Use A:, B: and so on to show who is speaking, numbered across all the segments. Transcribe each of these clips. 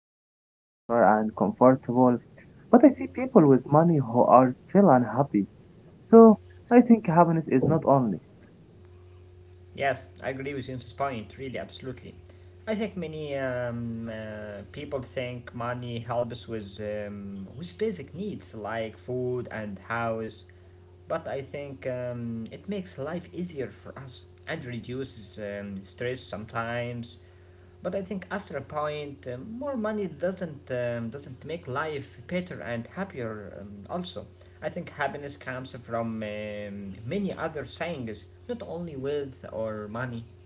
A: feel secure and comfortable. But I see people with money who are still unhappy. So I think happiness is not only.
B: Yes, I agree with you point, really, absolutely. I think many people think money helps with basic needs like food and house, but I think it makes life easier for us and reduces stress sometimes. But I think after a point, more money doesn't make life better and happier. Also, I think happiness comes from many other things, not only wealth or money.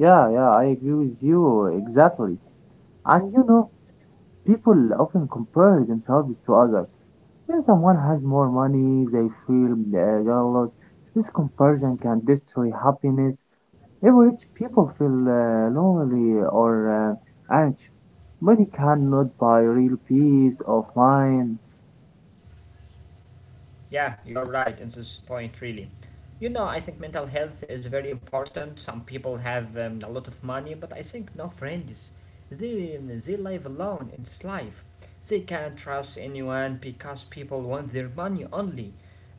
A: Yeah, yeah, I agree with you exactly. And you know, People often compare themselves to others. When someone has more money, they feel jealous. This comparison can destroy happiness. Even rich people feel lonely or anxious. Money cannot buy real peace of mind.
B: Yeah, you're right in this point, really. You know, I think mental health is very important. Some people have a lot of money, but I think no friends. They live alone in this life. They can't trust anyone because people want their money only.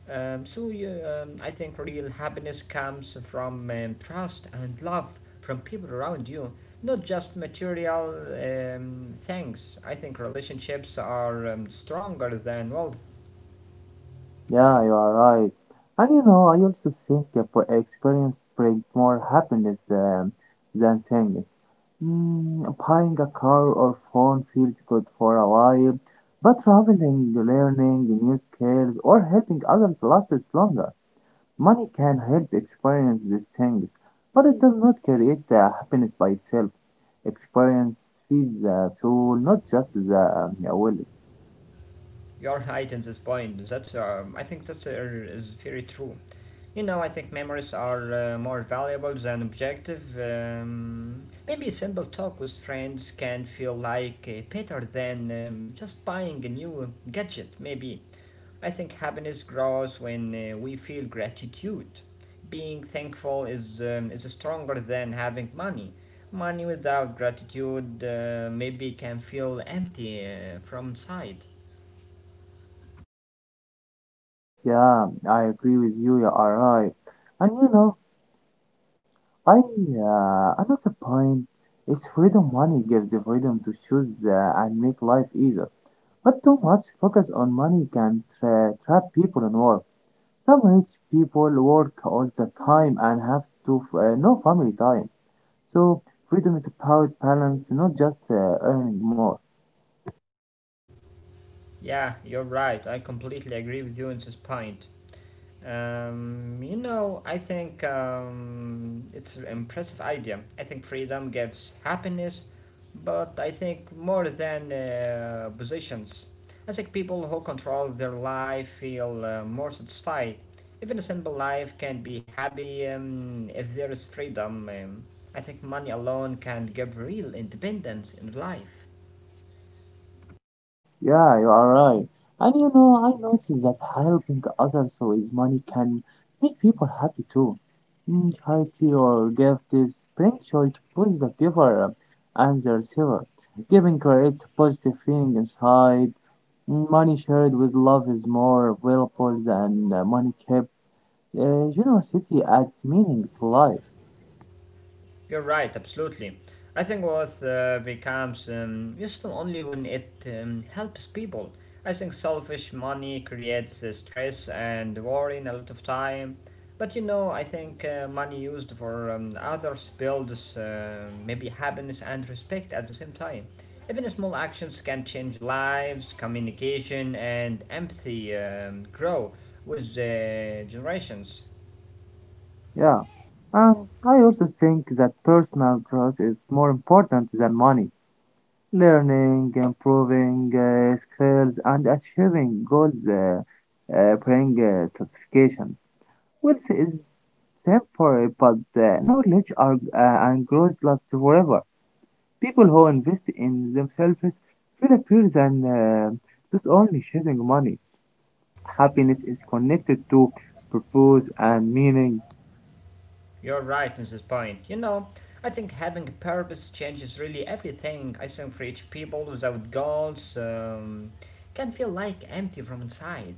B: I think real happiness comes from trust and love from people around you, not just material things. I think relationships are stronger than wealth.
A: Yeah, you are right. And you know, I also think that for experience bring more happiness than things. Mm, buying a car or phone feels good for a while, but traveling, learning new skills, or helping others lasts longer. Money can help experience these things, but it does not create the happiness by itself. Experience feeds the soul, not just the wallet.
B: Your are right this point. That's I think that's is very true. You know, I think memories are more valuable than objective. Maybe a simple talk with friends can feel like better than just buying a new gadget. Maybe I think happiness grows when we feel gratitude. Being thankful is stronger than having money. Money without gratitude maybe can feel empty from inside.
A: Yeah, I agree with you. You are right. And you know, I another point is freedom money gives the freedom to choose and make life easier. But too much focus on money can trap people in work. Some rich people work all the time and have to no family time. So freedom is about balance, not just earning more.
B: Yeah, you're right. I completely agree with you on this point. You know, I think it's an impressive idea. I think freedom gives happiness, but I think more than positions. I think people who control their life feel more satisfied. Even a simple life can be happy if there is freedom. I think money alone can give real independence in life.
A: Yeah, you are right. And you know, I noticed that helping others with money can make people happy too. Mm, charity or gifts bring joy to both the giver and the receiver. Giving creates a positive feeling inside. Mm, money shared with love is more valuable than money kept. Generosity adds meaning to life.
B: You're right, absolutely. I think wealth becomes useful only when it helps people. I think selfish money creates stress and worry in a lot of time. But you know, I think money used for others builds maybe happiness and respect at the same time. Even small actions can change lives, communication, and empathy grow with generations.
A: Yeah. And I also think that personal growth is more important than money. Learning, improving skills, and achieving goals bring satisfactions. Wealth is temporary, but knowledge are, and growth last forever. People who invest in themselves feel better than just only chasing money. Happiness is connected to purpose and meaning.
B: You're right in this point. You know, I think having a purpose changes really everything. I think rich people without goals can feel like empty from inside.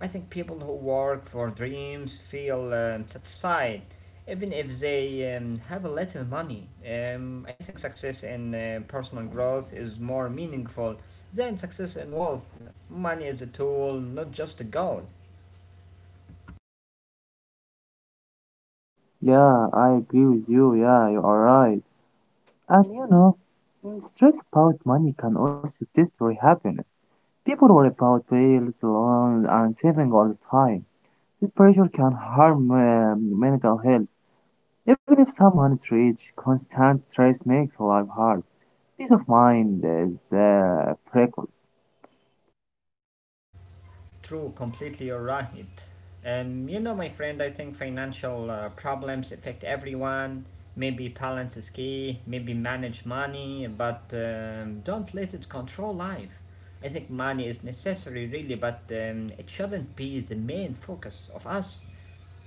B: I think people who work for dreams feel satisfied, even if they have a little money. I think success in personal growth is more meaningful than success in wealth. Money is a tool, not just a goal.
A: Yeah, I agree with you. Yeah, you are right. And you know, mm, stress about money can also destroy happiness. People worry about bills, loans, and saving all the time. This pressure can harm mental health. Even if someone is rich, constant stress makes life hard. Peace of mind is precious.
B: True, completely, you're right. You know, my friend, I think financial problems affect everyone. Maybe balance is key, maybe manage money, but don't let it control life. I think money is necessary, really, but it shouldn't be the main focus of us.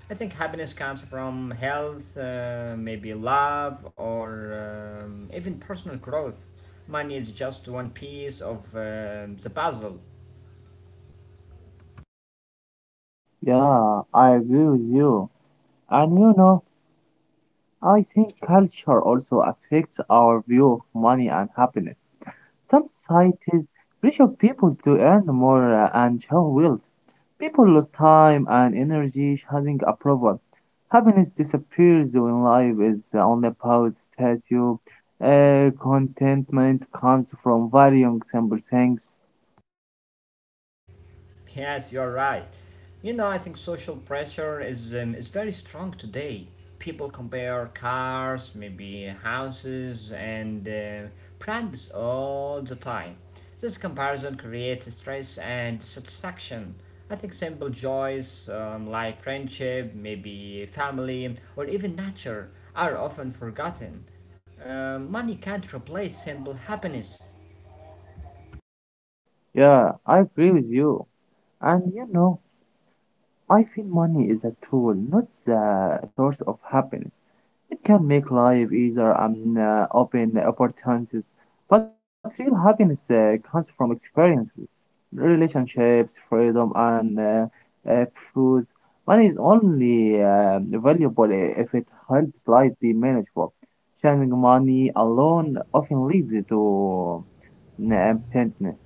B: I think happiness comes from health, maybe love, or even personal growth. Money is just one piece of the puzzle.
A: Yeah, I agree with you. And you know, I think culture also affects our view of money and happiness. Some societies pressure people to earn more and show wealth. People lose time and energy chasing approval. Happiness disappears when life is only about status. Contentment comes from varying simple things.
B: Yes, you're right. You know, I think social pressure is very strong today. People compare cars, maybe houses, and brands all the time. This comparison creates stress and satisfaction. I think simple joys like friendship, maybe family, or even nature are often forgotten. Money can't replace simple happiness.
A: Yeah, I agree with you. And you know, I feel money is a tool, not the source of happiness. It can make life easier and open opportunities, but real happiness comes from experiences, relationships, freedom, and uh, uh, truth. Money is only valuable if it helps life be manageable. Sharing money alone often leads to emptiness.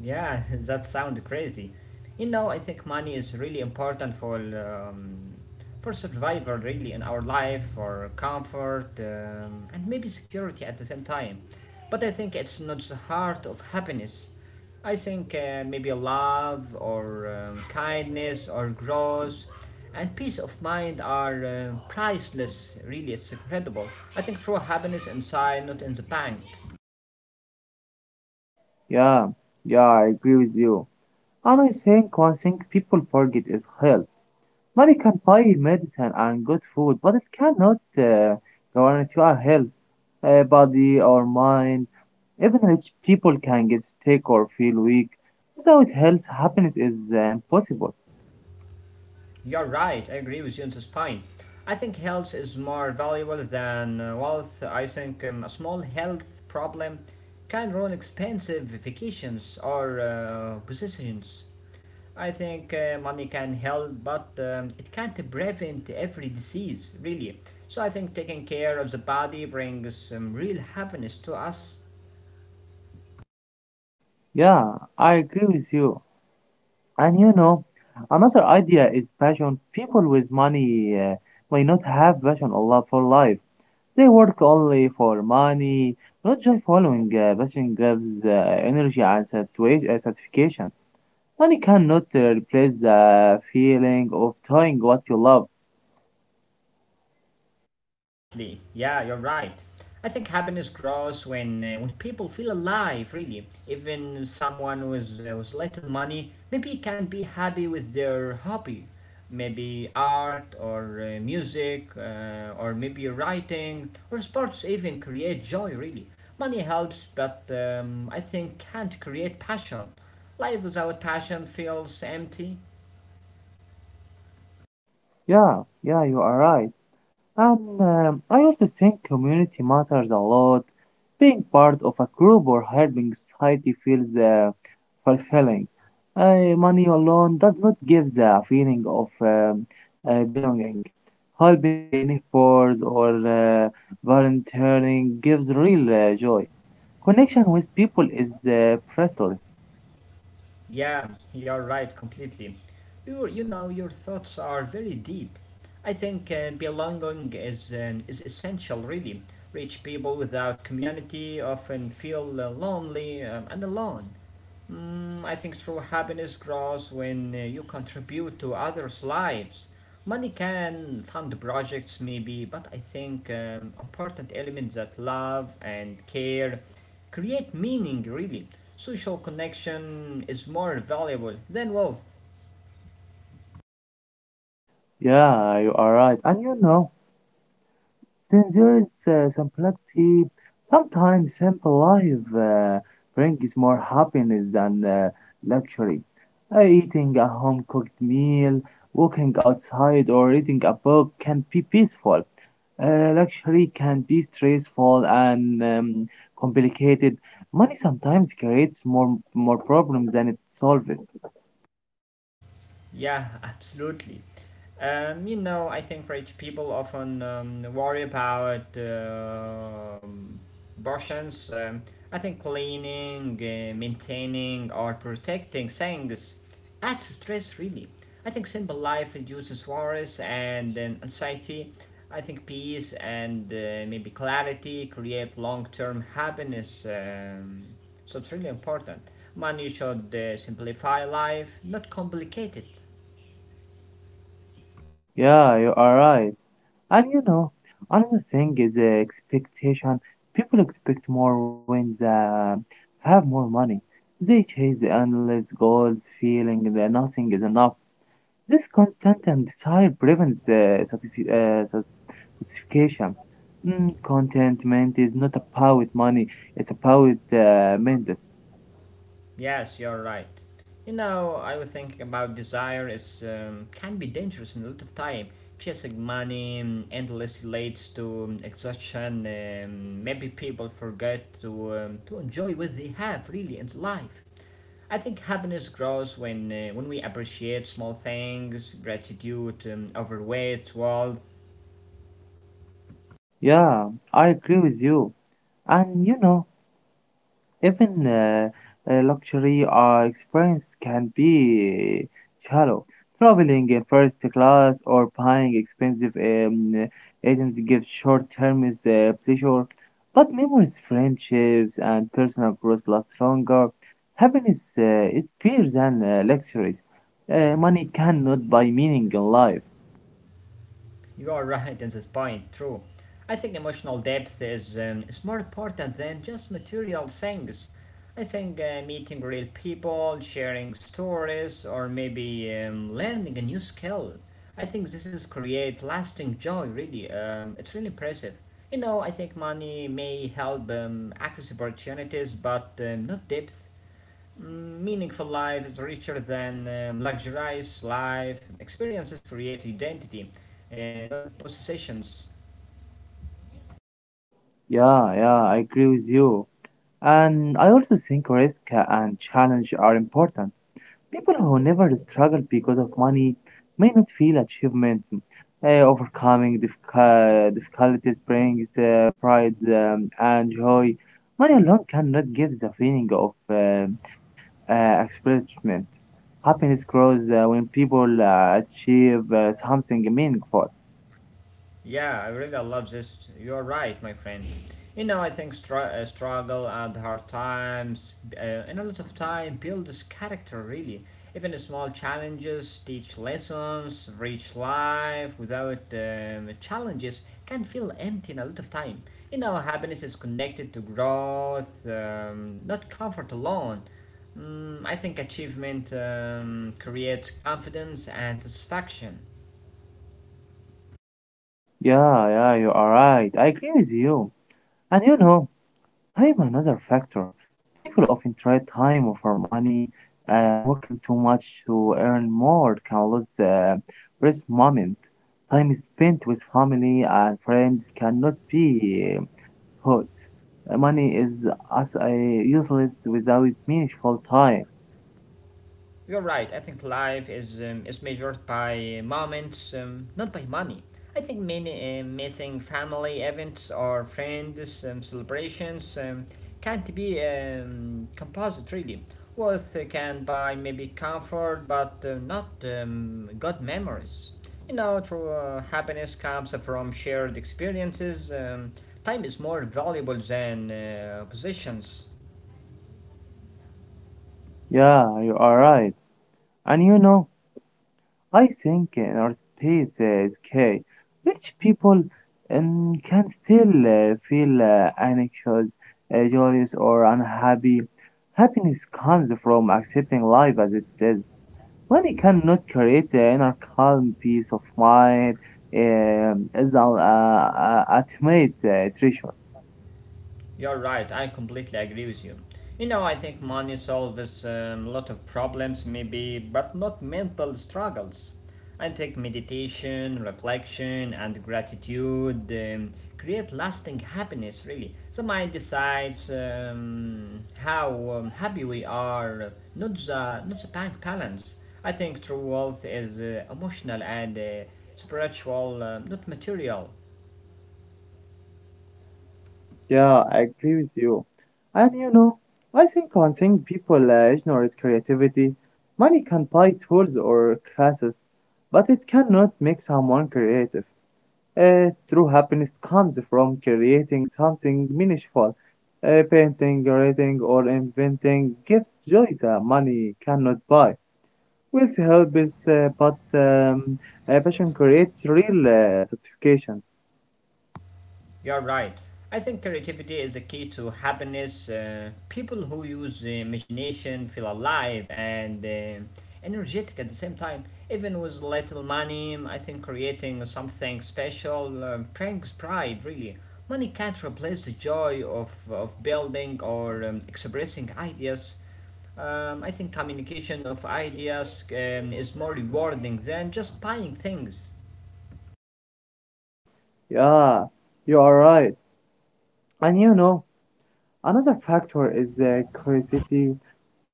B: Yeah, that sounds crazy. You know, I think money is really important for survival, really, in our life, for comfort, and maybe security at the same time. But I think it's not the heart of happiness. I think maybe love or kindness or growth and peace of mind are priceless. Really, it's incredible. I think true happiness inside, not in the bank.
A: Yeah, yeah, I agree with you. And I think one thing people forget is health. Money can buy medicine and good food, but it cannot guarantee our health, body or mind. Even rich people can get sick or feel weak. Without health, happiness is impossible.
B: You're right, I agree with you on this point. I think health is more valuable than wealth. I think a small health problem can ruin expensive vacations or positions. I think money can help, but it can't prevent every disease, really. So I think taking care of the body brings real happiness to us.
A: Yeah, I agree with you. And you know, another idea is passion. People with money may not have passion or love for life. They work only for money, not just following passion gives energy and satisfaction. Money cannot replace the feeling of doing what you love.
B: Exactly. Yeah, you're right. I think happiness grows when people feel alive. Really, even someone with little money maybe can be happy with their hobby, maybe art or music or maybe writing or sports. Even create joy. Really, money helps, but I think can't create passion. Life without passion feels empty.
A: Yeah, yeah, you are right. And I also think community matters a lot. Being part of a group or helping society feels fulfilling. Money alone does not give the feeling of belonging. Helping neighbors or uh, volunteering gives real joy. Connection with people is priceless.
B: Yeah, you're right completely. You know, your thoughts are very deep. I think belonging is essential, really. Rich people without community often feel lonely and alone. Mm, I think true happiness grows when you contribute to others' lives. Money can fund projects, maybe, but I think important elements that love and care create meaning really. Social connection is more valuable than wealth.
A: Yeah, you are right. And you know, since there is some simplicity, sometimes simple life brings more happiness than luxury. Eating a home cooked meal, walking outside, or reading a book can be peaceful. Luxury can be stressful and complicated. Money sometimes creates more problems than it solves.
B: Yeah, absolutely. You know, I think rich people often worry about abortions. I think cleaning, maintaining, or protecting things adds stress, really. I think simple life reduces worries and anxiety. I think peace and maybe clarity create long term happiness. So it's really important. Money should simplify life, not complicate it.
A: Yeah, you are right. And you know, another thing is expectation. People expect more when they have more money. They chase the endless goals, feeling that nothing is enough. This constant and desire prevents the satisfaction. Mm, contentment is not about money, it's about mindset.
B: Yes, you're right. You know, I was thinking about desire is can be dangerous in a lot of time. Chasing money endlessly leads to exhaustion. Maybe people forget to enjoy what they have really in life. I think happiness grows when we appreciate small things, gratitude, overweight, wealth,
A: Yeah, I agree with you. And you know, even luxury experience can be shallow. Traveling in first class or buying expensive items gives short-term is, pleasure, but memories, friendships, and personal growth last longer. Happiness is better than luxuries. Money cannot buy meaning in life.
B: You are right at this point, true. I think emotional depth is more important than just material things. I think meeting real people, sharing stories, or maybe learning a new skill. I think this is create lasting joy. Really, it's really impressive. You know, I think money may help access opportunities, but not depth. Mm, meaningful life is richer than luxurious life. Experiences create identity, not possessions.
A: Yeah, yeah, I agree with you. And I also think risk and challenge are important. People who never struggle because of money may not feel achievement. Overcoming difficulties brings pride and joy. Money alone cannot give the feeling of accomplishment. Happiness grows when people achieve something meaningful.
B: Yeah, I really love this. You're right, my friend. You know, I think struggle and hard times, and a lot of time builds character really. Even small challenges teach lessons, rich life without challenges can feel empty in a lot of time. You know, happiness is connected to growth, not comfort alone. Mm, I think achievement creates confidence and satisfaction.
A: Yeah, yeah, you are right. I agree with you. And you know, time another factor. People often trade time over money. Working too much to earn more can lose the rest moment. Time spent with family and friends cannot be put. Money is as useless without meaningful time.
B: You're right. I think life is measured by moments, not by money. I think many missing family events or friends celebrations can't be composite really. Wealth can buy maybe comfort, but not good memories. You know, true happiness comes from shared experiences. Time is more valuable than possessions.
A: Yeah, you are right. And you know, I think our space is key. Rich people can still feel anxious, joyous, or unhappy. Happiness comes from accepting life as it is. Money cannot create an inner calm, peace of mind, is an ultimate treasure.
B: You're right, I completely agree with you. You know, I think money solves a lot of problems, maybe, but not mental struggles. I think meditation, reflection, and gratitude create lasting happiness, really. The mind decides how happy we are, not the bank balance. I think true wealth is emotional and spiritual, not material.
A: Yeah, I agree with you. And you know, I think one thing people ignore is creativity. Money can buy tools or classes, but it cannot make someone creative. True happiness comes from creating something meaningful. Painting, writing, or inventing gives joy that money cannot buy. Wealth helps, but passion creates real satisfaction.
B: You're right. I think creativity is a key to happiness. People who use the imagination feel alive and energetic at the same time. Even with little money, I think creating something special brings pride, really. Money can't replace the joy of building or expressing ideas. I think communication of ideas is more rewarding than just buying things.
A: Yeah, you are right. And you know, another factor is curiosity.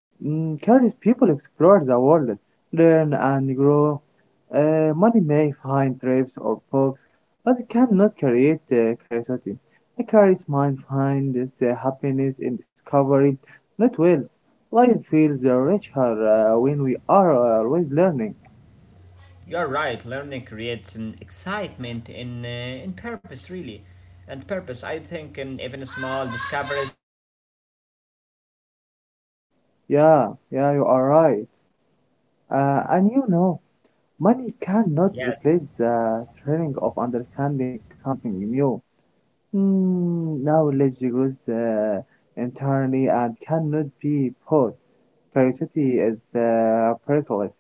A: Mm, curious people explore the world, learn and grow. Money may find trips or books, but it cannot create curiosity. A curious mind finds happiness in discovery, not wealth. Life feels richer when we are always learning.
B: You're right. Learning creates an excitement in purpose, really, and purpose. I think, in even small discoveries.
A: Yeah, yeah, you are right. And you know, money cannot
B: Yes,
A: replace the thrilling of understanding something new. Mm, knowledge grows internally and cannot be bought. Curiosity is priceless.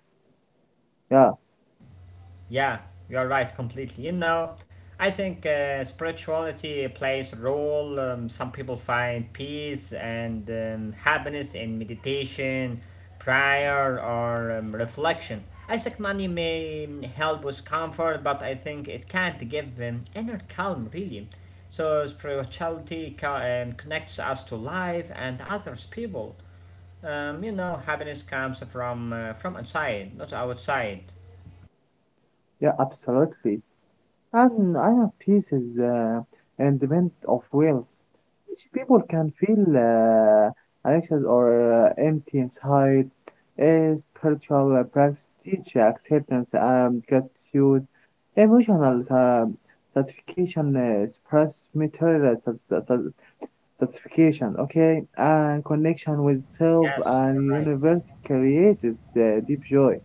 A: Yeah,
B: yeah, you're right completely. You know, I think spirituality plays a role. Some people find peace and happiness in meditation, prayer, or reflection. I think money may help with comfort, but I think it can't give inner calm really. So spirituality connects us to life and others people. You know, happiness comes from inside, not outside.
A: yeah, absolutely. And I have peace is independent of wills, which people can feel anxious or empty inside. A spiritual practice teach acceptance and gratitude, emotional satisfaction, express material satisfaction, okay, and connection with self
B: Yes, you're
A: and
B: right.
A: universe creates deep joy.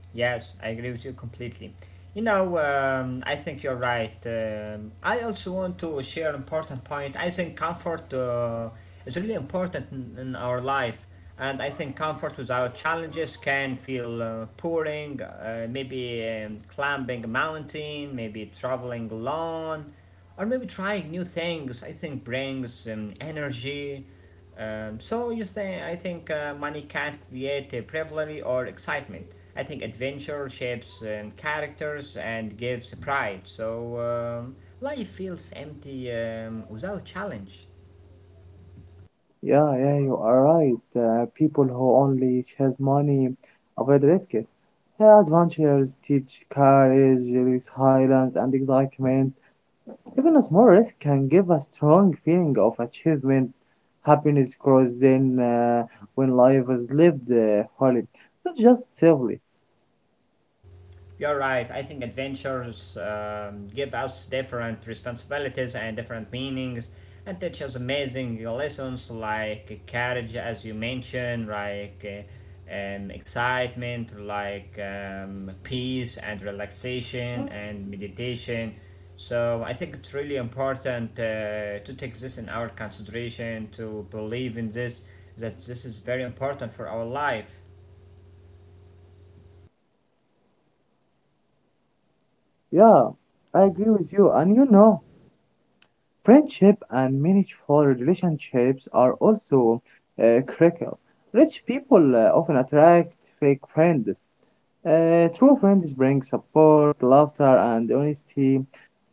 B: Yes, I agree with you completely. You know, I think you're right. I also want to share an important point. I think comfort is really important in our life, and I think comfort without challenges can feel pouring, maybe climbing a mountain, maybe traveling alone, or maybe trying new things. I think brings energy so you say I think money can't create bravery or excitement. I think adventure shapes characters and gives pride. So life feels empty without challenge.
A: Yeah, yeah, you are right. People who only chase money avoid risk it. Yeah, adventures teach courage, silence, and excitement. Even a small risk can give a strong feeling of achievement. Happiness grows then when life is lived fully, not just safely.
B: You're right. I think adventures give us different responsibilities and different meanings and teach us amazing lessons like courage, as you mentioned, like excitement, like peace and relaxation and meditation. So I think it's really important to take this in our consideration, to believe in this, that this is very important for our life.
A: Yeah, I agree with you, and you know. Friendship and meaningful relationships are also critical. Rich people often attract fake friends. True friends bring support, laughter, and honesty.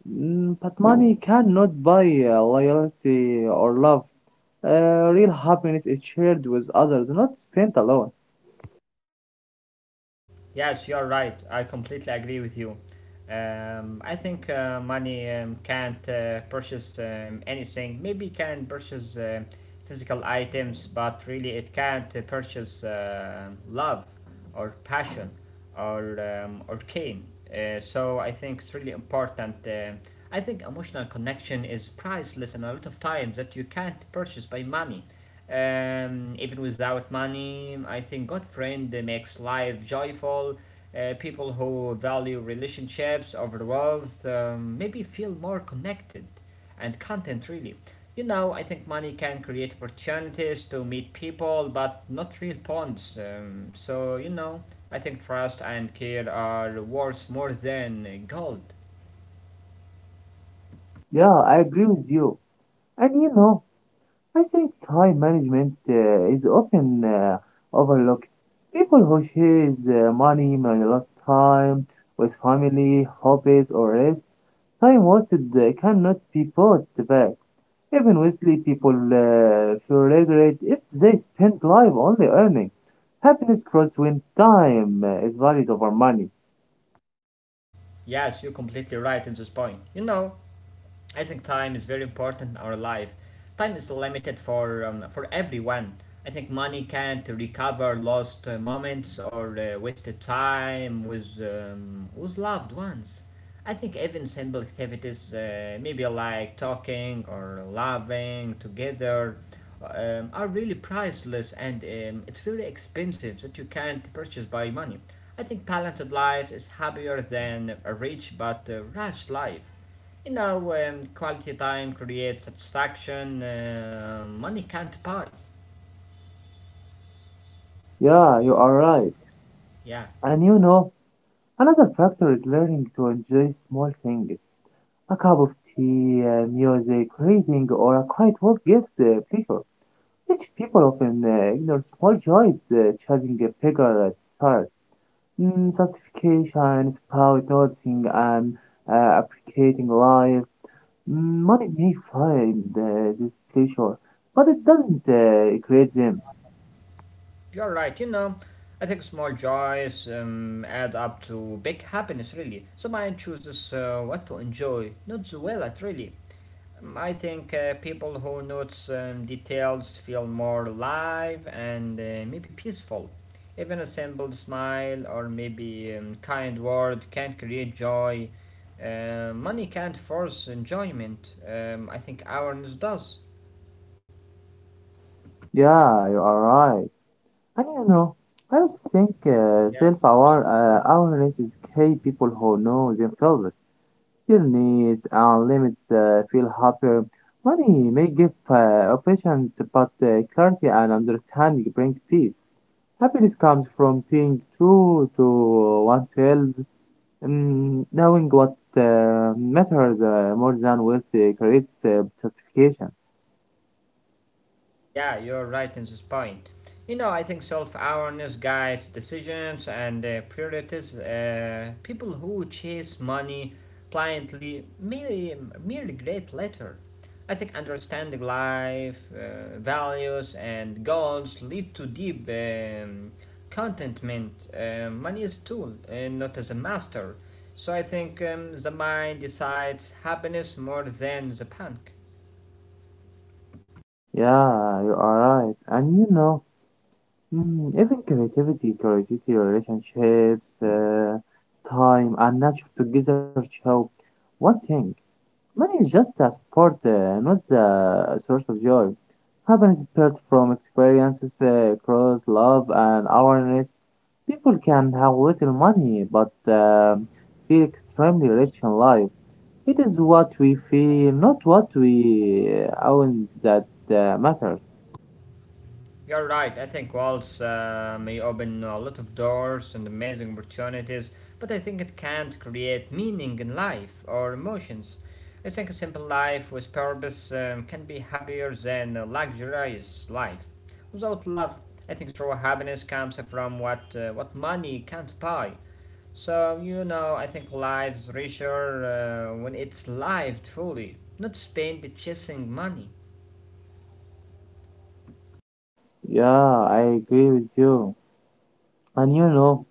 A: Mm, but money cannot buy loyalty or love. Real happiness is shared with others, not spent alone.
B: Yes, you're right. I completely agree with you. I think money can't purchase anything. Maybe it can purchase physical items, but really it can't purchase love or passion or cane. So I think it's really important. I think emotional connection is priceless, and a lot of times that you can't purchase by money. Even without money, I think good friend makes life joyful. People who value relationships over wealth maybe feel more connected and content really. You know, I think money can create opportunities to meet people, but not real bonds. So you know, I think trust and care are worth more than gold.
A: Yeah, I agree with you. And you know, I think time management is often overlooked. People who share their money, may lost time with family, hobbies, or rest, time wasted cannot be bought back. Even wealthy people feel regret if they spend life only earning. Happiness grows when time is valued over money.
B: Yes, you're completely right in this point. You know, I think time is very important in our life. Time is limited for everyone. I think money can't recover lost moments or wasted time with loved ones. I think even simple activities, maybe like talking or laughing together, are really priceless and it's very expensive that you can't purchase by money. I think balanced life is happier than a rich but rushed life. You know, quality time creates satisfaction money can't buy.
A: Yeah, you are right.
B: Yeah,
A: And you know, another factor is learning to enjoy small things. A cup of tea, music, reading, or a quiet walk gives pleasure. Rich people often ignore small joys, chasing a bigger start. Mm, satisfaction, is about noticing and appreciating life. Mm, money may find this pleasure, but it doesn't create them.
B: you're right. You know, I think small joys add up to big happiness, really. So mine chooses what to enjoy, not the well at really. I think people who notes details feel more alive and maybe peaceful. Even a simple smile or maybe kind word can create joy. Money can't force enjoyment. I think awareness does.
A: Yeah, you are right. And you know, I also think
B: Yeah, it's really important.
A: self-awareness is key. People who know themselves still needs and limits feel happier. Money may give options, but clarity and understanding bring peace. Happiness comes from being true to oneself, mm, knowing what matters more than wealth creates satisfaction.
B: Yeah, you're right in this point. You know, I think self awareness guides decisions and priorities. People who chase money blindly merely regret later. I think understanding life, values, and goals lead to deep contentment. Money is a tool, and not as a master. So I think the mind decides happiness more than the bank.
A: Yeah, you are right. And you know, mm, even creativity, curiosity, relationships, time, and nature together show one thing. Money is just a support, not the source of joy. Happiness is built from experiences, across love and awareness. People can have little money but feel extremely rich in life. It is what we feel, not what we own, that matters.
B: You're right. I think walls may open a lot of doors and amazing opportunities, but I think it can't create meaning in life or emotions. I think a simple life with purpose can be happier than a luxurious life. Without love, I think true happiness comes from what money can't buy. So you know, I think life's richer when it's lived fully, not spent chasing money.
A: Yeah, I agree with you. And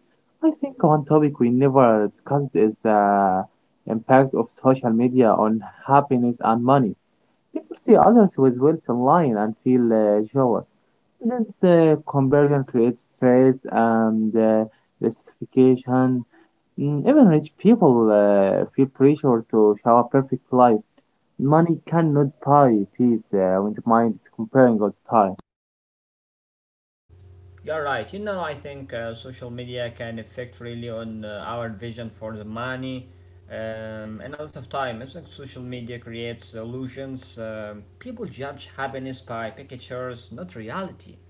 A: I think one topic we never discussed is the impact of social media on happiness and money. People see others with wealth online and feel jealous. This comparison creates stress and justification. Even rich people feel pressure to show a perfect life. Money cannot buy peace when the mind is comparing all the time.
B: You're right. You know, I think social media can affect really on our vision for the money. And a lot of time, it's like social media creates illusions. People judge happiness by pictures, not reality.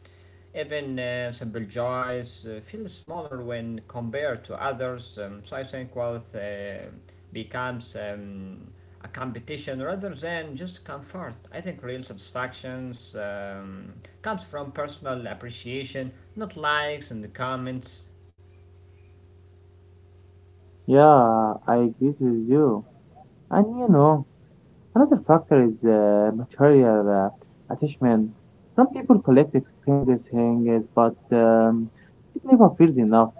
B: Even simple joys feel smaller when compared to others. So I think wealth becomes a competition rather than just comfort. I think real satisfactions comes from personal appreciation, not likes and comments.
A: Yeah, I agree with you. And another factor is material attachment. Some people collect expensive things, but it never feels enough.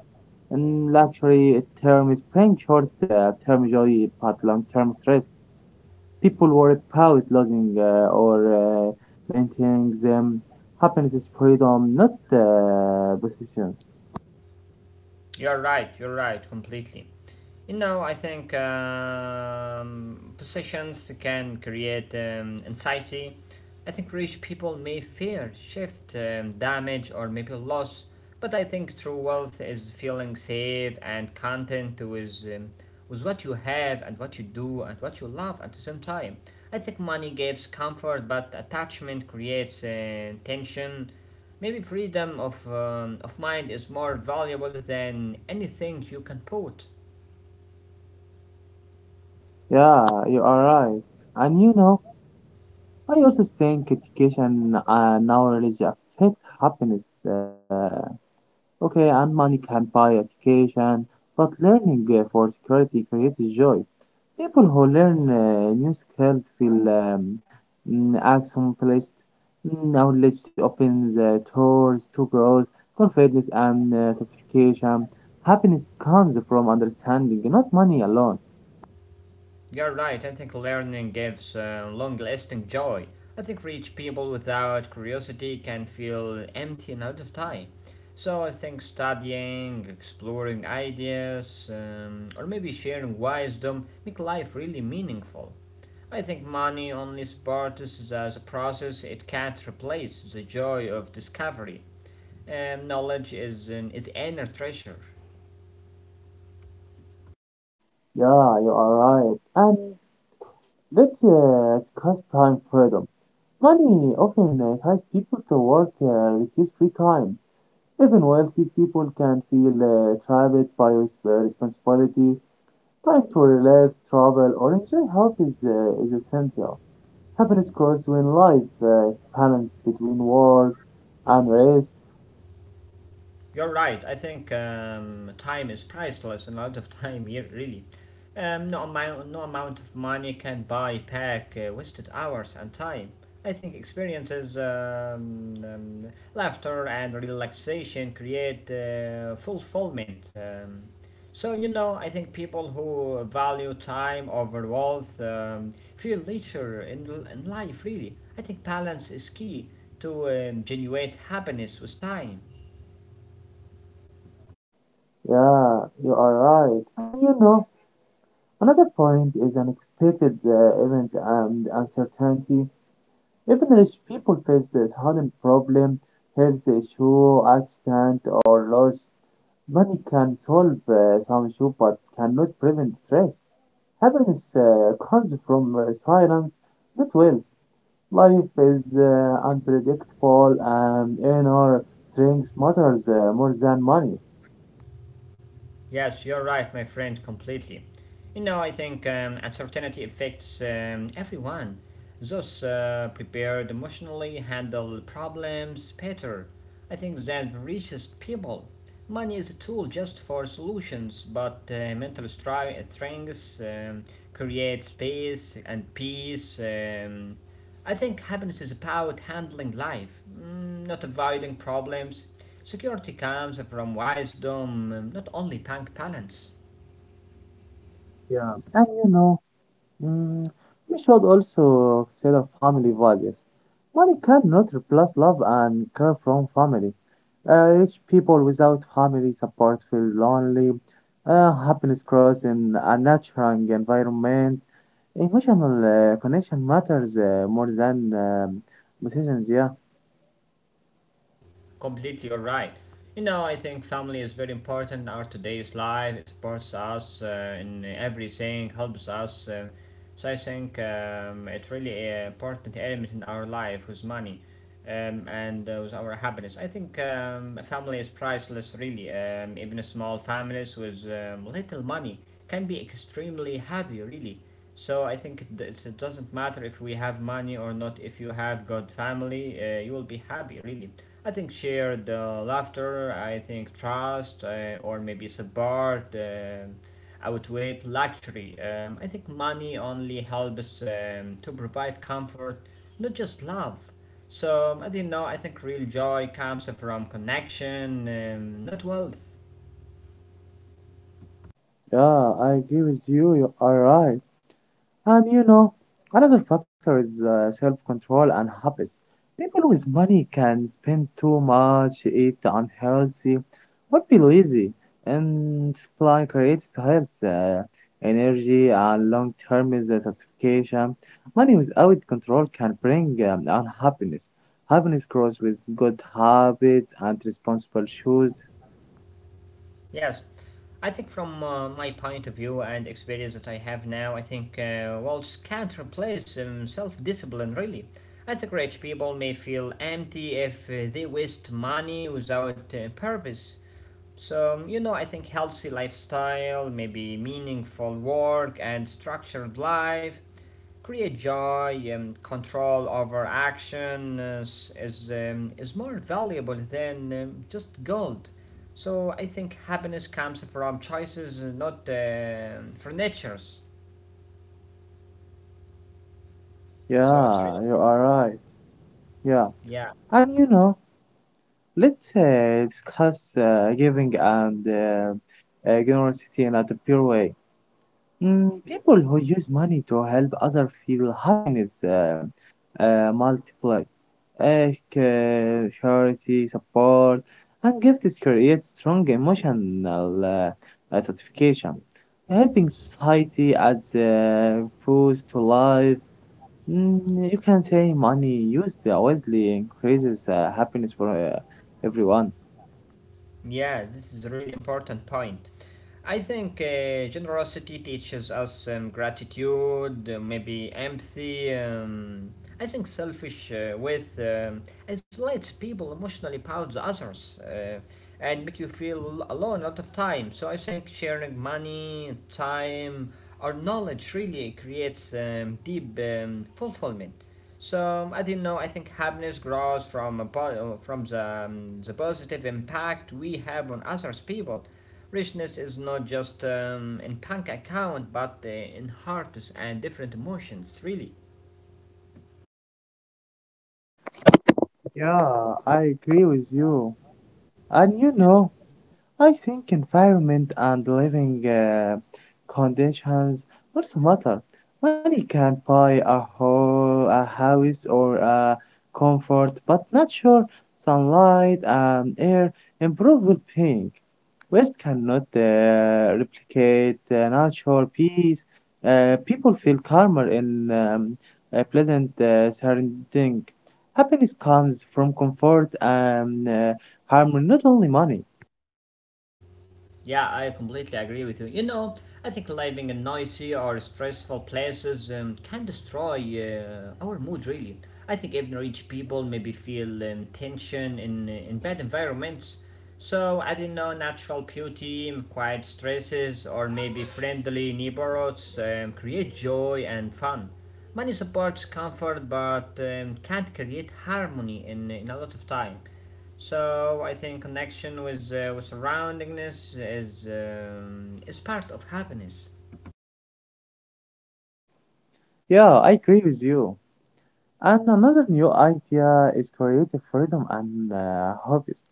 A: In luxury, term is paying short term joy but long term stress. People worry about losing or maintaining them. Happiness is freedom, not positions.
B: You're right. You're right. Completely. You know, I think positions can create anxiety. I think rich people may fear shift, damage, or maybe loss. But I think true wealth is feeling safe and content with what you have and what you do and what you love at the same time. I think money gives comfort, but attachment creates tension. Maybe freedom of mind is more valuable than anything you can put.
A: Yeah, you are right. And I also think education and knowledge affect happiness. Uh, Okay, and money can buy education, but learning for security creates joy. People who learn new skills feel accomplished. Knowledge opens doors to growth, confidence, and satisfaction. Happiness comes from understanding, not money alone.
B: You're right, I think learning gives long lasting joy. I think rich people without curiosity can feel empty and out of time. So I think studying, exploring ideas, or maybe sharing wisdom make life really meaningful. I think money only supports as a process, it can't replace the joy of discovery. Knowledge is inner treasure.
A: Yeah, you are right. And let's discuss time freedom. Money often ties people to work, reduce free time. Even wealthy people can feel trapped by responsibility. Time to relax, travel, or enjoy health is essential. Happiness grows when life is balanced between work and rest.
B: You're right. I think time is priceless, and a lot of time here, really. No amount of money can buy back wasted hours and time. I think experiences, laughter, and relaxation create fulfillment. So, you know, I think people who value time over wealth feel richer in life, really. I think balance is key to generate happiness with time.
A: Yeah, you are right. And another point is unexpected event and uncertainty. Even rich people face this hidden problem, health issue, accident, or loss. Money can solve some issues but cannot prevent stress. Happiness comes from silence, not wealth. Life is unpredictable and inner strength matters more than money.
B: Yes, you're right, my friend, completely. You know, I think uncertainty affects everyone. Those prepared emotionally handle problems better. I think that the richest people. Money is a tool just for solutions, but mental strength creates space and peace. I think happiness is about handling life, mm, not avoiding problems. Security comes from wisdom, not only bank balance.
A: Yeah, and Mm, we should also consider family values. Money cannot replace love and care from family. Rich people without family support feel lonely. Happiness grows in a nurturing environment. Emotional connection matters more than decisions. Yeah,
B: Completely you're right. You know, I think family is very important in our today's life. It supports us in everything, helps us. So I think it's really an important element in our life with money and with our happiness. I think family is priceless, really. Even small families with little money can be extremely happy, really. So I think it, doesn't matter if we have money or not. If you have good family, you will be happy. Really, I think shared laughter. I think trust or maybe support. Outweigh luxury. I think money only helps to provide comfort, not just love. So I didn't know. I think real joy comes from connection, not wealth.
A: yeah, I agree with you. You are right. And another factor is self-control and habits. People with money can spend too much, eat unhealthy, or be lazy, and supply creates health, energy, and long-term is a satisfaction. Money without control can bring unhappiness. Happiness grows with good habits and responsible choices.
B: Yes, I think from my point of view and experience that I have now, I think Walsh can't replace self discipline really. I think rich people may feel empty if they waste money without purpose. So, you know, I think healthy lifestyle, maybe meaningful work and structured life, create joy control over action is more valuable than just gold. So I think happiness comes from choices not furnitures. So it's really
A: Yeah, you
B: important.
A: are right. Yeah,
B: Yeah.
A: and let's discuss giving and generosity in a pure way. People who use money to help others feel happiness multiply. Charity, support, and gifts create strong emotional satisfaction. Helping society adds boost to life. You can say money used wisely increases happiness for everyone.
B: Yeah, this is a really important point. I think generosity teaches us gratitude, maybe empathy. I think selfish with isolates people emotionally towards others and make you feel alone a lot of time. So I think sharing money, time, or knowledge really creates deep fulfillment. So as you know, I think happiness grows from a po- from the positive impact we have on others people. Richness is not just in bank account, but in hearts and different emotions. Really,
A: Yeah, I agree with you. And
B: yeah.
A: I think environment and living conditions also matter. Money can buy a house or a comfort, but nature, sunlight, and air improve well-being. West cannot replicate natural peace. People feel calmer in a pleasant surrounding. Happiness comes from comfort and harmony, not only money.
B: Yeah, I completely agree with you. You know, I think living in noisy or stressful places can destroy our mood, really. I think even rich people maybe feel tension in bad environments. So, I don't know, natural beauty, quiet stresses, or maybe friendly neighborhoods create joy and fun. Money supports comfort but can't create harmony in a lot of time. So I think connection with surroundingness is part of happiness.
A: Yeah, I agree with you. And another new idea is creative freedom and hobbies.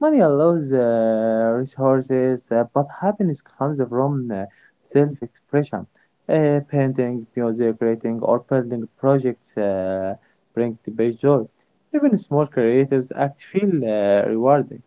A: Money allows resources, but happiness comes from self-expression. Painting, music, creating, or building projects bring the best joy. Even small creative acts feel rewarding.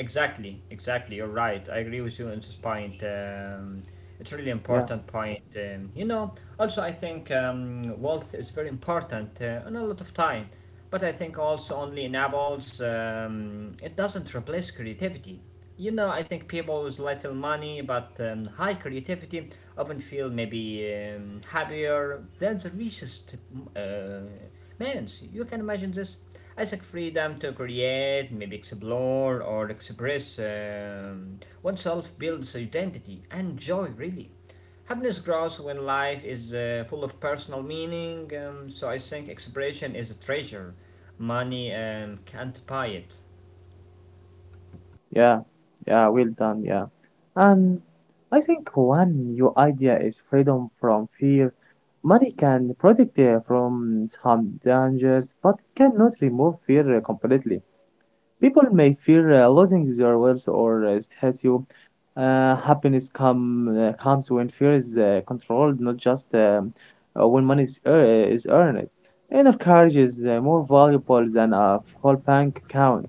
B: Exactly, exactly. You're right. I agree with you on this point. It's really
A: Yeah.
B: important point. You know, also I think wealth is very important and a lot of time, but I think also only enables. It doesn't replace creativity. You know, I think people with little money but high creativity often feel maybe happier than the richest. Uh, Mans, you can imagine this as a freedom to create, maybe explore or express oneself builds identity and joy, really. Happiness grows when life is full of personal meaning, so I think expression is a treasure. Money can't buy it.
A: Yeah, yeah, well done, yeah. And I think one new idea is freedom from fear. Money can protect you from some dangers, but it cannot remove fear completely. People may fear losing their wealth or statue. Happiness comes when fear is controlled, not just when money is earned. Inner courage is more valuable than a full bank account.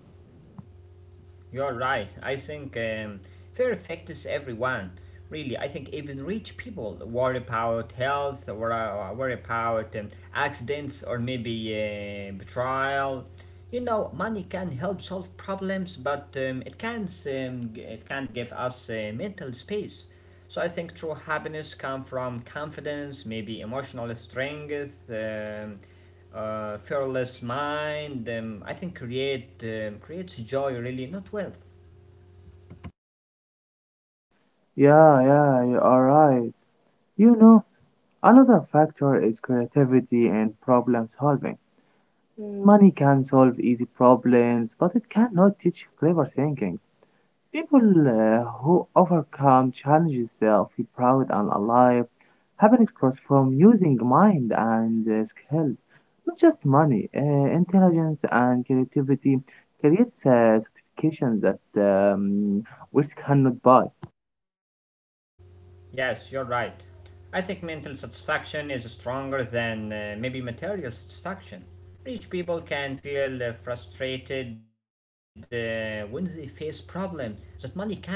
B: You're right. I think fear affects everyone. Really, I think even rich people worry about health, or worry about accidents, or maybe betrayal. You know, money can help solve problems, but it can't give us mental space. So I think true happiness comes from confidence, maybe emotional strength. Fearless mind, I think, creates joy, really, not wealth.
A: Yeah, yeah, you are right. You know, Another factor is creativity and problem solving. Mm. Money can solve easy problems, but it cannot teach clever thinking. People who overcome challenges feel proud and alive. Happiness comes from using mind and skills, not just money. Intelligence and creativity creates certifications that which cannot buy.
B: Yes, you're right. I think mental satisfaction is stronger than maybe material satisfaction. Rich people can feel frustrated when they face problems that money can't fix it.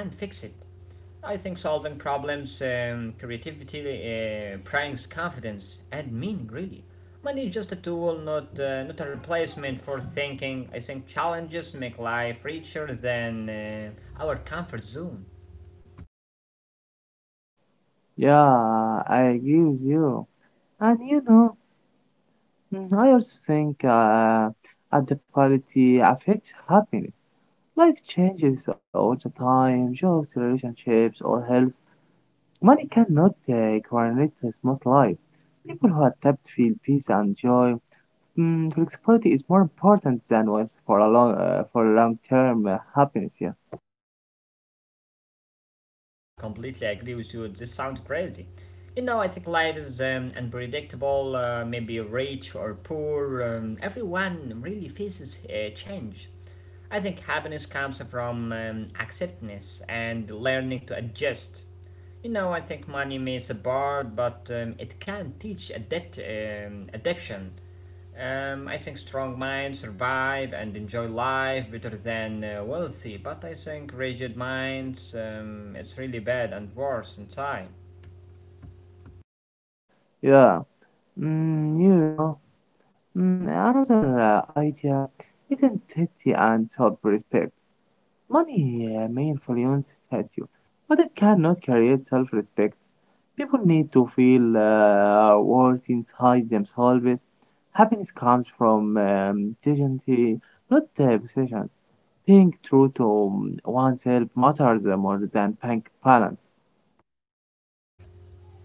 B: I think solving problems, creativity brings confidence and meaning, really. Money is just a tool, not, not a replacement for thinking. I think challenges make life richer than our comfort zone.
A: Yeah, I agree with you. And I also think adaptability affects happiness. Life changes all the time, jobs, relationships, or health. Money cannot guarantee a smooth life. People who adapt feel peace and joy. Flexibility is more important than once for long term happiness. Yeah,
B: Yeah, completely agree with you. This sounds crazy. You know, I think life is unpredictable, maybe rich or poor. Everyone really faces change. I think happiness comes from acceptance and learning to adjust. You know, I think money may support, but it can teach adaptation. I think strong minds survive and enjoy life better than wealthy, but I think rigid minds, it's really bad and worse inside.
A: yeah. Mm, you know, Another idea is integrity and self respect. Money may influence status, but it cannot create self respect. People need to feel worth inside themselves. Happiness comes from dignity, not possessions. Being true to oneself matters more than bank balance.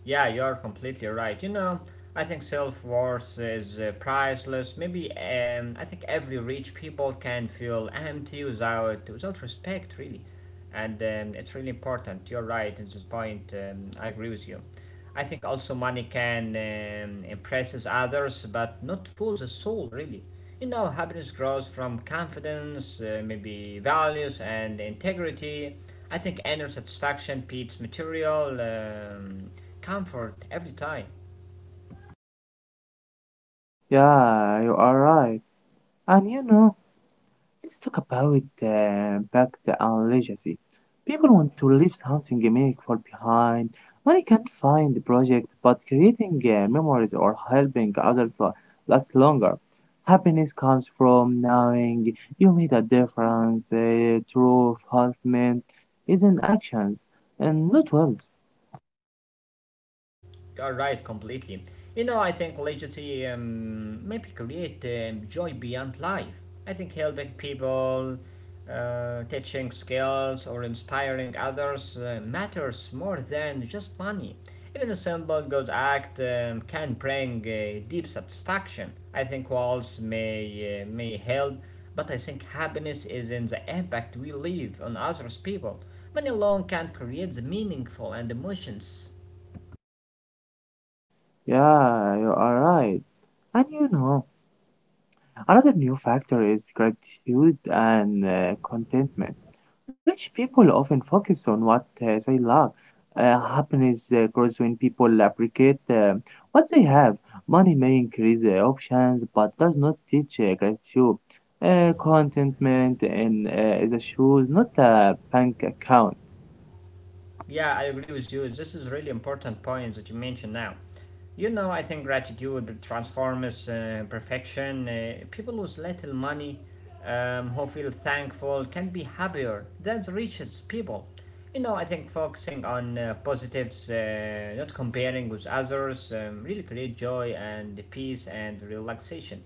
B: Yeah, you're completely right. You know, I think self worth is priceless. Maybe I think every rich people can feel empty without respect, really, and it's really important. You're right at this point. I agree with you. I think also money can impresses others, but not fool the soul, really. You know, happiness grows from confidence, maybe values and integrity. I think inner satisfaction beats material. Comfort every time.
A: Yeah, you are right. And let's talk about impact and legacy. People want to leave something meaningful behind. Money can't find the project, but creating memories or helping others last longer. Happiness comes from knowing you made a difference. True fulfillment is in actions and not words.
B: You're right, completely. You know, I think literacy maybe create joy beyond life. I think helping people, teaching skills, or inspiring others matters more than just money. Even a simple good act can bring deep satisfaction. I think walls may help, but I think happiness is in the impact we leave on others people. Money alone can't create the meaningful and emotions.
A: Yeah, you are right. And another new factor is gratitude and contentment. Rich people often focus on what they lack. Happiness grows when people appreciate what they have. Money may increase options, but does not teach gratitude. Contentment is a shoes, not a bank account.
B: Yeah, I agree with you. This is really important point that you mentioned now. You know, I think gratitude transforms perfection. People with little money who feel thankful can be happier than the richest people. You know, I think focusing on positives, not comparing with others, really create joy and peace and relaxation.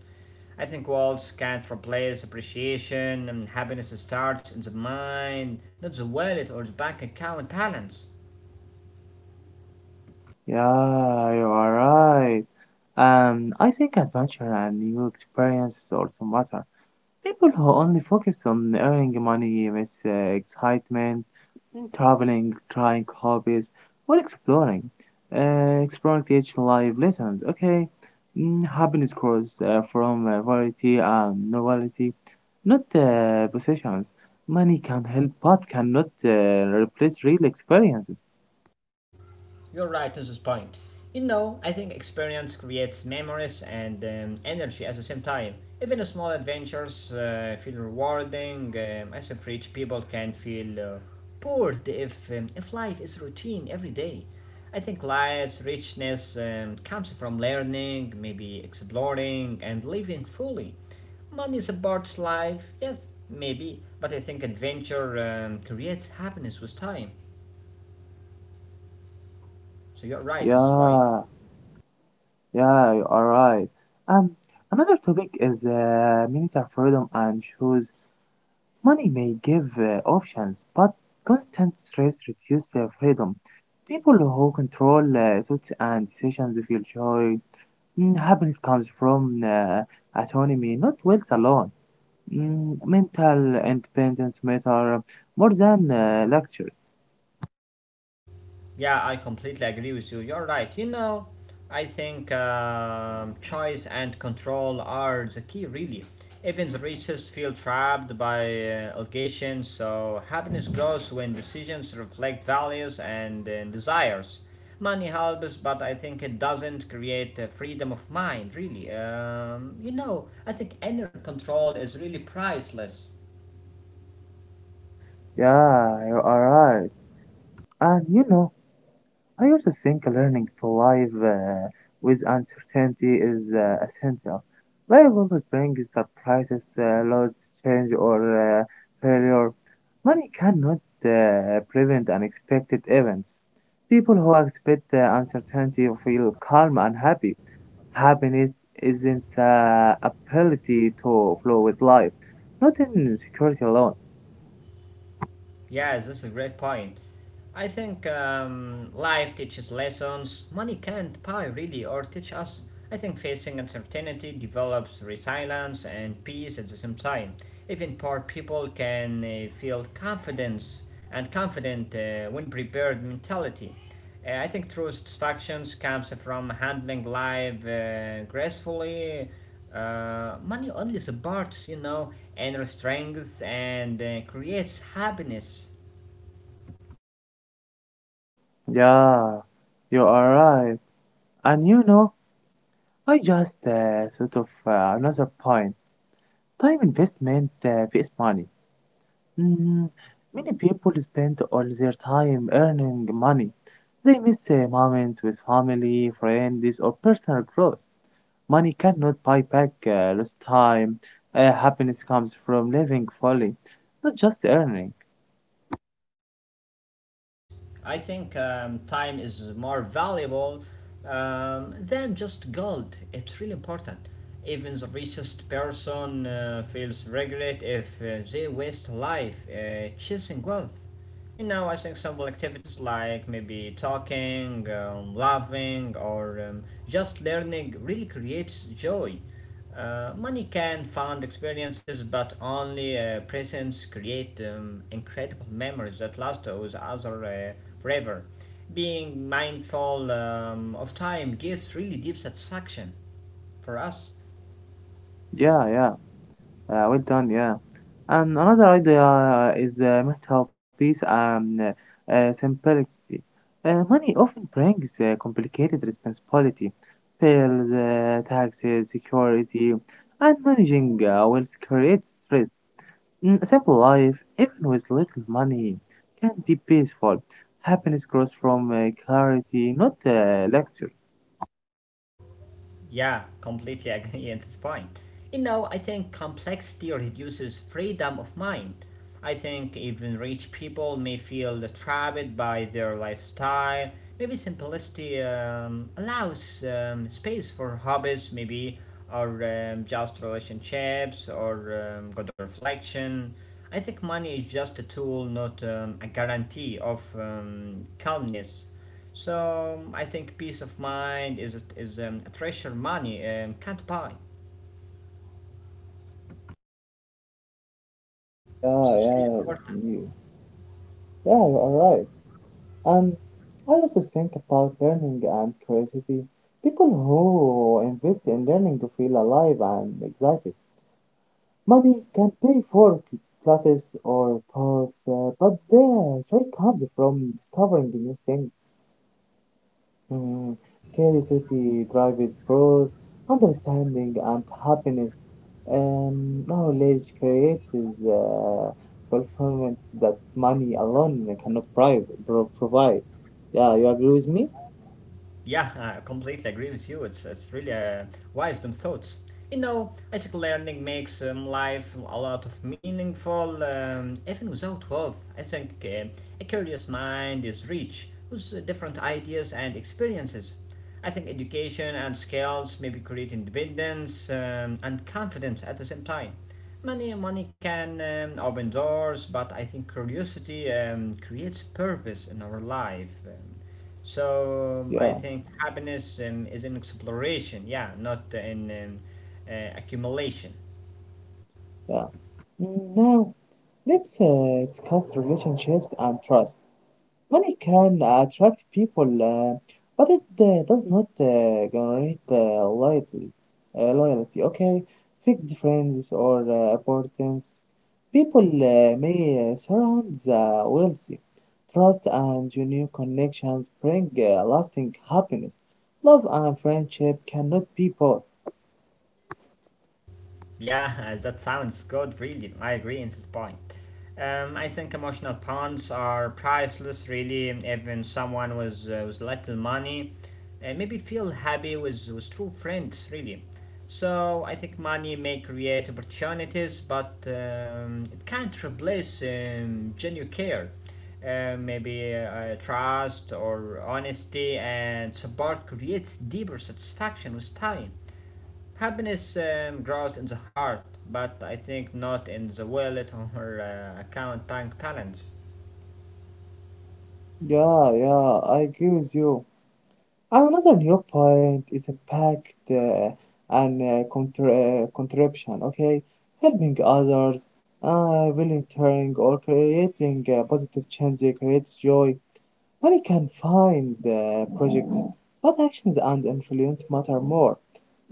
B: I think walls can't replace appreciation and happiness starts in the mind, not the wallet or the bank account balance.
A: Yeah, you are right. I think adventure and new experiences also matter. People who only focus on earning money miss excitement, traveling, trying hobbies, or exploring. Exploring teach life lessons, okay? Happiness grows from variety and novelty, not possessions. Money can help but cannot replace real experiences.
B: You're right on this point. You know, I think experience creates memories and energy at the same time. Even small adventures feel rewarding. I think rich people can feel bored if life is routine every day. I think life's richness comes from learning, maybe exploring, and living fully. Money supports life, yes, maybe, but I think adventure creates happiness with time. So you're right on this point.
A: Yeah, yeah, you are right. Um, Another topic is military freedom and choose. Money may give options, but constant stress reduces their freedom. People who control thoughts and decisions feel joy. Happiness comes from autonomy, not wealth alone. Mental independence matter more than luxury.
B: Yeah, I completely agree with you. You're right. You know, I think choice and control are the key, really. Even the richest feel trapped by allegations, so happiness grows when decisions reflect values and desires. Money helps, but I think it doesn't create freedom of mind, really. You know, I think inner control is really priceless.
A: Yeah, you are right. And I also think learning to live with uncertainty is essential. Life always brings surprises, loss, change, or uh, failure. Money cannot prevent unexpected events. People who accept the uncertainty feel calm and happy. Happiness isn't ability to flow with life, not in security alone.
B: Yes, that's a great point. I think life teaches lessons money can't buy, really, or teach us. I think facing uncertainty develops resilience and peace at the same time. Even poor people can feel confidence and confident when prepared mentality. I think true satisfaction comes from handling life gracefully. Money only supports, you know, inner strength and creates happiness.
A: Yeah, you are right. And I just thought of another point. Time investment vs money. Mm, Many people spend all their time earning money. They miss moments with family, friends, or personal growth. Money cannot buy back lost time. Happiness comes from living fully, not just earning.
B: Yes, I think time is more valuable than just gold. It's really important. Even the richest person feels regret if they waste life chasing wealth. You know, I think simple activities like maybe talking, laughing, or just learning really creates joy. Money can fund experiences, but only presents create incredible memories that last with other forever. Being mindful of time gives really deep satisfaction for us.
A: Yeah, yeah. Well done, yeah. And another idea is the mental peace and simplicity. Money often brings complicated responsibility, bills, taxes, security, and managing wealth creates stress. A simple life, even with little money, can be peaceful. Happiness grows from clarity, not luxury.
B: Yeah, completely agree at this point. You know, I think complexity reduces freedom of mind. I think even rich people may feel trapped by their lifestyle. Maybe simplicity allows space for hobbies, maybe, or just relationships, or good reflection. I think money is just a tool, not a guarantee of calmness. So I think peace of mind is a treasure money can't buy.
A: Yeah,
B: So it's really
A: yeah,
B: important.
A: you, yeah, you are right. And I also think about learning and curiosity. People who invest in learning to feel alive and excited. Money can pay for classes or talks, but the joy comes from discovering new things. Mm, Curiosity drives growth, understanding, and happiness. Knowledge creates fulfillment that money alone cannot provide. Yeah, you agree with me?
B: Yeah, I completely agree with you. It's really wisdom thoughts. You know, I think learning makes life a lot of meaningful, even without wealth. I think a curious mind is rich with different ideas and experiences. I think education and skills maybe create independence and confidence at the same time. Money can open doors, but I think curiosity creates purpose in our life. So I
A: Yeah,
B: think happiness is in exploration, yeah, not in accumulation.
A: yeah. Now, let's discuss relationships and trust. Money can attract people, but it does not generate loyalty. Loyalty, okay? Fake friends or importance. People may surround the wealthy. Trust and genuine connections bring lasting happiness. Love and friendship cannot be bought.
B: Yeah, that sounds good, really. I agree in this point. I think emotional bonds are priceless, really. Even someone with little money maybe feel happy with true friends, really. So I think money may create opportunities, but it can't replace genuine care. Maybe trust or honesty and support creates deeper satisfaction with time. Happiness grows in the heart, but I think not in the wallet or account bank balance.
A: Yeah, yeah, I agree with you. And another new point is impact and contribution, okay? Helping others, volunteering, or creating positive change creates joy. Money can find projects, but actions and influence matter more.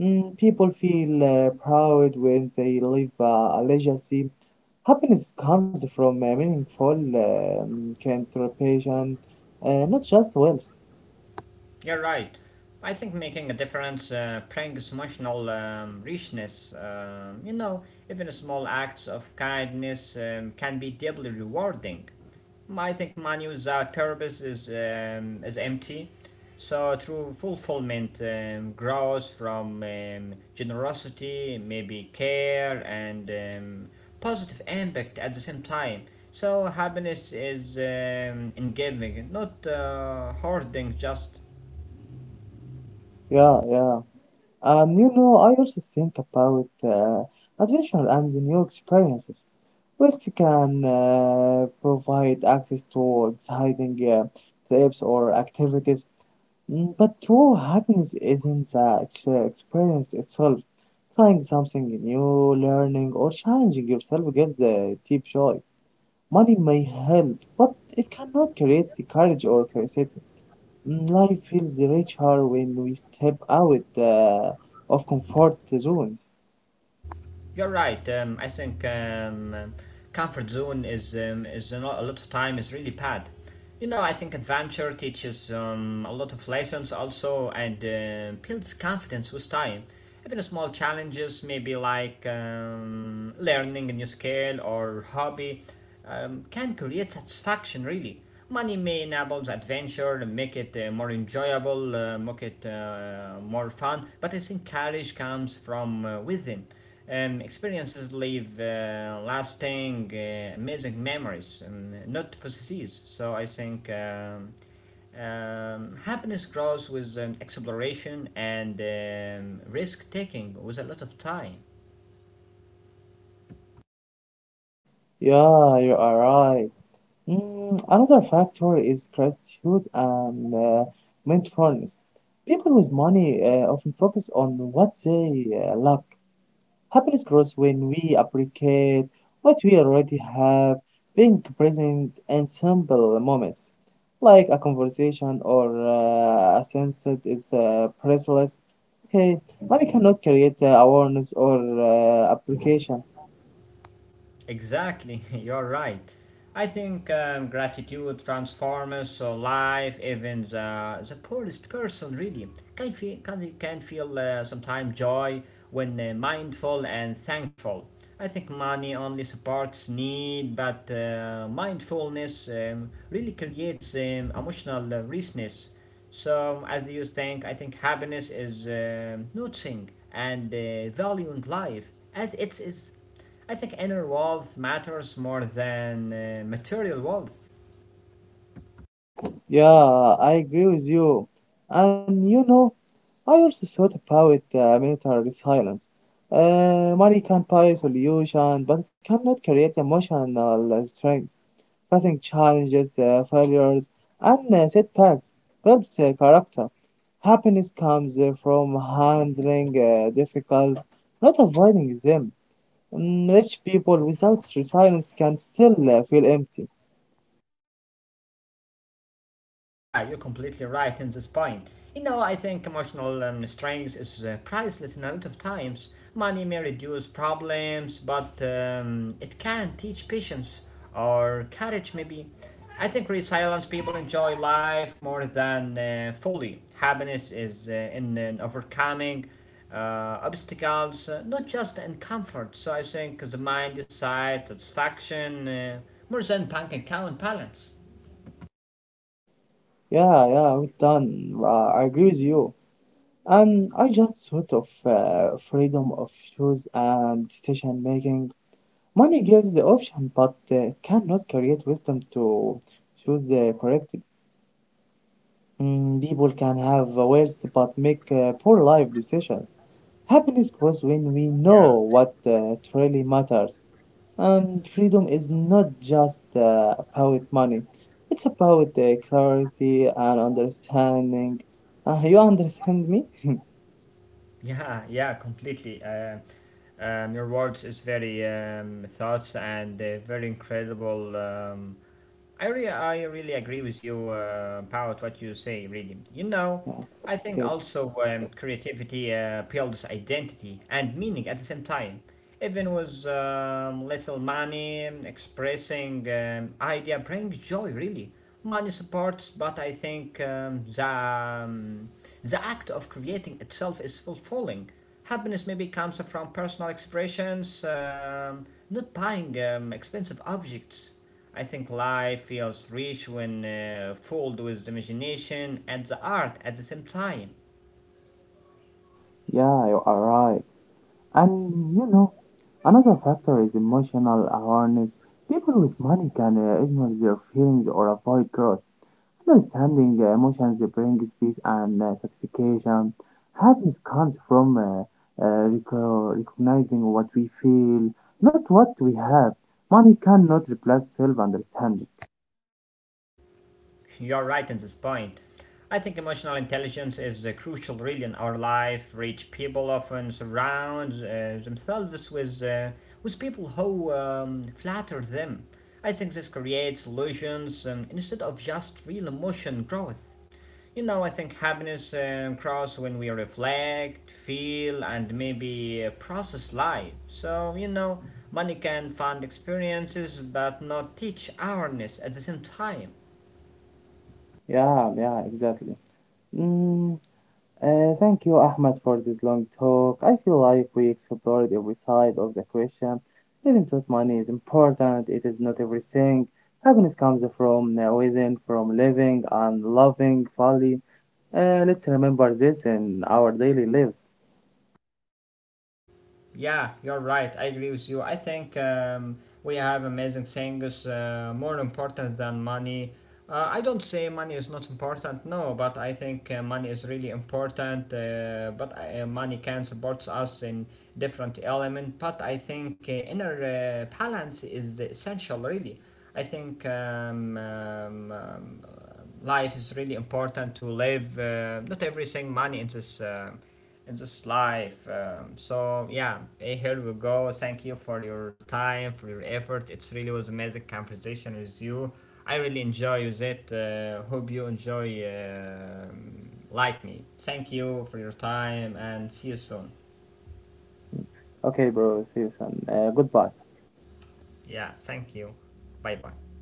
A: People feel proud when they leave a legacy. Happiness comes from meaningful contribution, not just wealth.
B: You're right. I think making a difference brings emotional richness. You know, even small acts of kindness can be deeply rewarding. I think money without purpose is empty. So, true fulfillment grows from generosity, maybe care, and positive impact at the same time. So, happiness is in giving, not hoarding just.
A: Yeah, yeah. I also think about adventure and the new experiences, which can provide access to exciting trips or activities. But true happiness isn't the experience itself. Trying something new, learning, or challenging yourself gives a deep joy. Money may help, but it cannot create the courage or curiosity. Life feels richer when we step out of comfort zones.
B: You're right. I think comfort zone is is a lot of time is really bad. You know, I think adventure teaches a lot of lessons also and builds confidence with time. Even small challenges, maybe like learning a new skill or hobby, can create satisfaction really. Money may enable the adventure, make it more enjoyable, make it more fun, but I think courage comes from within. Experiences leave lasting, amazing memories, and not possesses. So I think happiness grows with exploration and risk taking with a lot of time.
A: Yeah, you are right. Another factor is gratitude and mindfulness. People with money often focus on what they lack. Happiness grows when we appreciate what we already have, being present in simple moments, like a conversation or a sense that is priceless. Hey, money cannot create awareness or application.
B: Exactly, you're right. I think gratitude transforms life, even the poorest person really can can feel sometimes joy when mindful and thankful. I think money only supports need, but mindfulness really creates emotional richness. So, as you think, I think happiness is noticing and valuing life as it is. I think inner wealth matters more than material wealth.
A: Yeah, I agree with you. And I also thought about military silence. Money can buy solution, but it cannot create emotional strength. Facing challenges, failures, and setbacks builds character. Happiness comes from handling difficulties, not avoiding them. Rich people without resilience can still feel empty.
B: Yeah, you're completely right in this point. You know, I think emotional strength is priceless in a lot of times. Money may reduce problems, but it can teach patience or courage, maybe. I think resilient people enjoy life more than fully. Happiness is in overcoming uh, obstacles, not just in comfort. So I think the mind decides satisfaction more than bank account balance.
A: Yeah, yeah, well done. I agree with you. And I just thought of freedom of choice and decision making. Money gives the option, but it cannot create wisdom to choose the correct. People can have wealth but make poor life decisions. Happiness grows when we know
B: Yeah.
A: what truly matters. And freedom is not just about money, it's about clarity and understanding. You understand me?
B: Yeah, yeah, completely. Your words is very thoughts and very incredible. I really agree with you about what you say. Really, you know,
A: Yeah,
B: I think
A: okay.
B: also creativity builds identity and meaning at the same time. Even with little money, expressing idea brings joy. Really, money supports, but I think the act of creating itself is fulfilling. Happiness maybe comes from personal expressions, not buying expensive objects. I think life feels rich when filled with imagination and the art at the same time.
A: Yeah, you are right. And another factor is emotional awareness. People with money can ignore their feelings or avoid growth. Understanding emotions brings peace and satisfaction. Happiness comes from recognizing what we feel, not what we have. Money cannot replace self understanding.
B: You're right in this point. I think emotional intelligence is crucial really in our life. Rich people often surround themselves with people who flatter them. I think this creates illusions instead of just real emotion growth. You know, I think happiness grows when we reflect, feel, and maybe process life. So, you know, money can fund experiences but not teach awareness at the same time.
A: Yeah, yeah, exactly. Mm, Thank you, Ahmed, for this long talk. I feel like we explored every side of the question. Even though money is important, it is not everything. Happiness comes from within, from living and loving fully. Let's remember this in our daily lives.
B: Yeah, you're right. I agree with you. I think we have amazing things more important than money. I don't say money is not important, no, but I think money is really important. But money can support us in different element. But I think inner balance is essential, really. I think life is really important to live not everything money in this life so yeah eh, here we go. Thank you for your time, for your effort. It really was amazing conversation with you. I really enjoy with it. Hope you enjoy like me. Thank you for your time and see you soon.
A: Okay, bro, see you soon. Goodbye.
B: Yeah, thank you. Bye bye.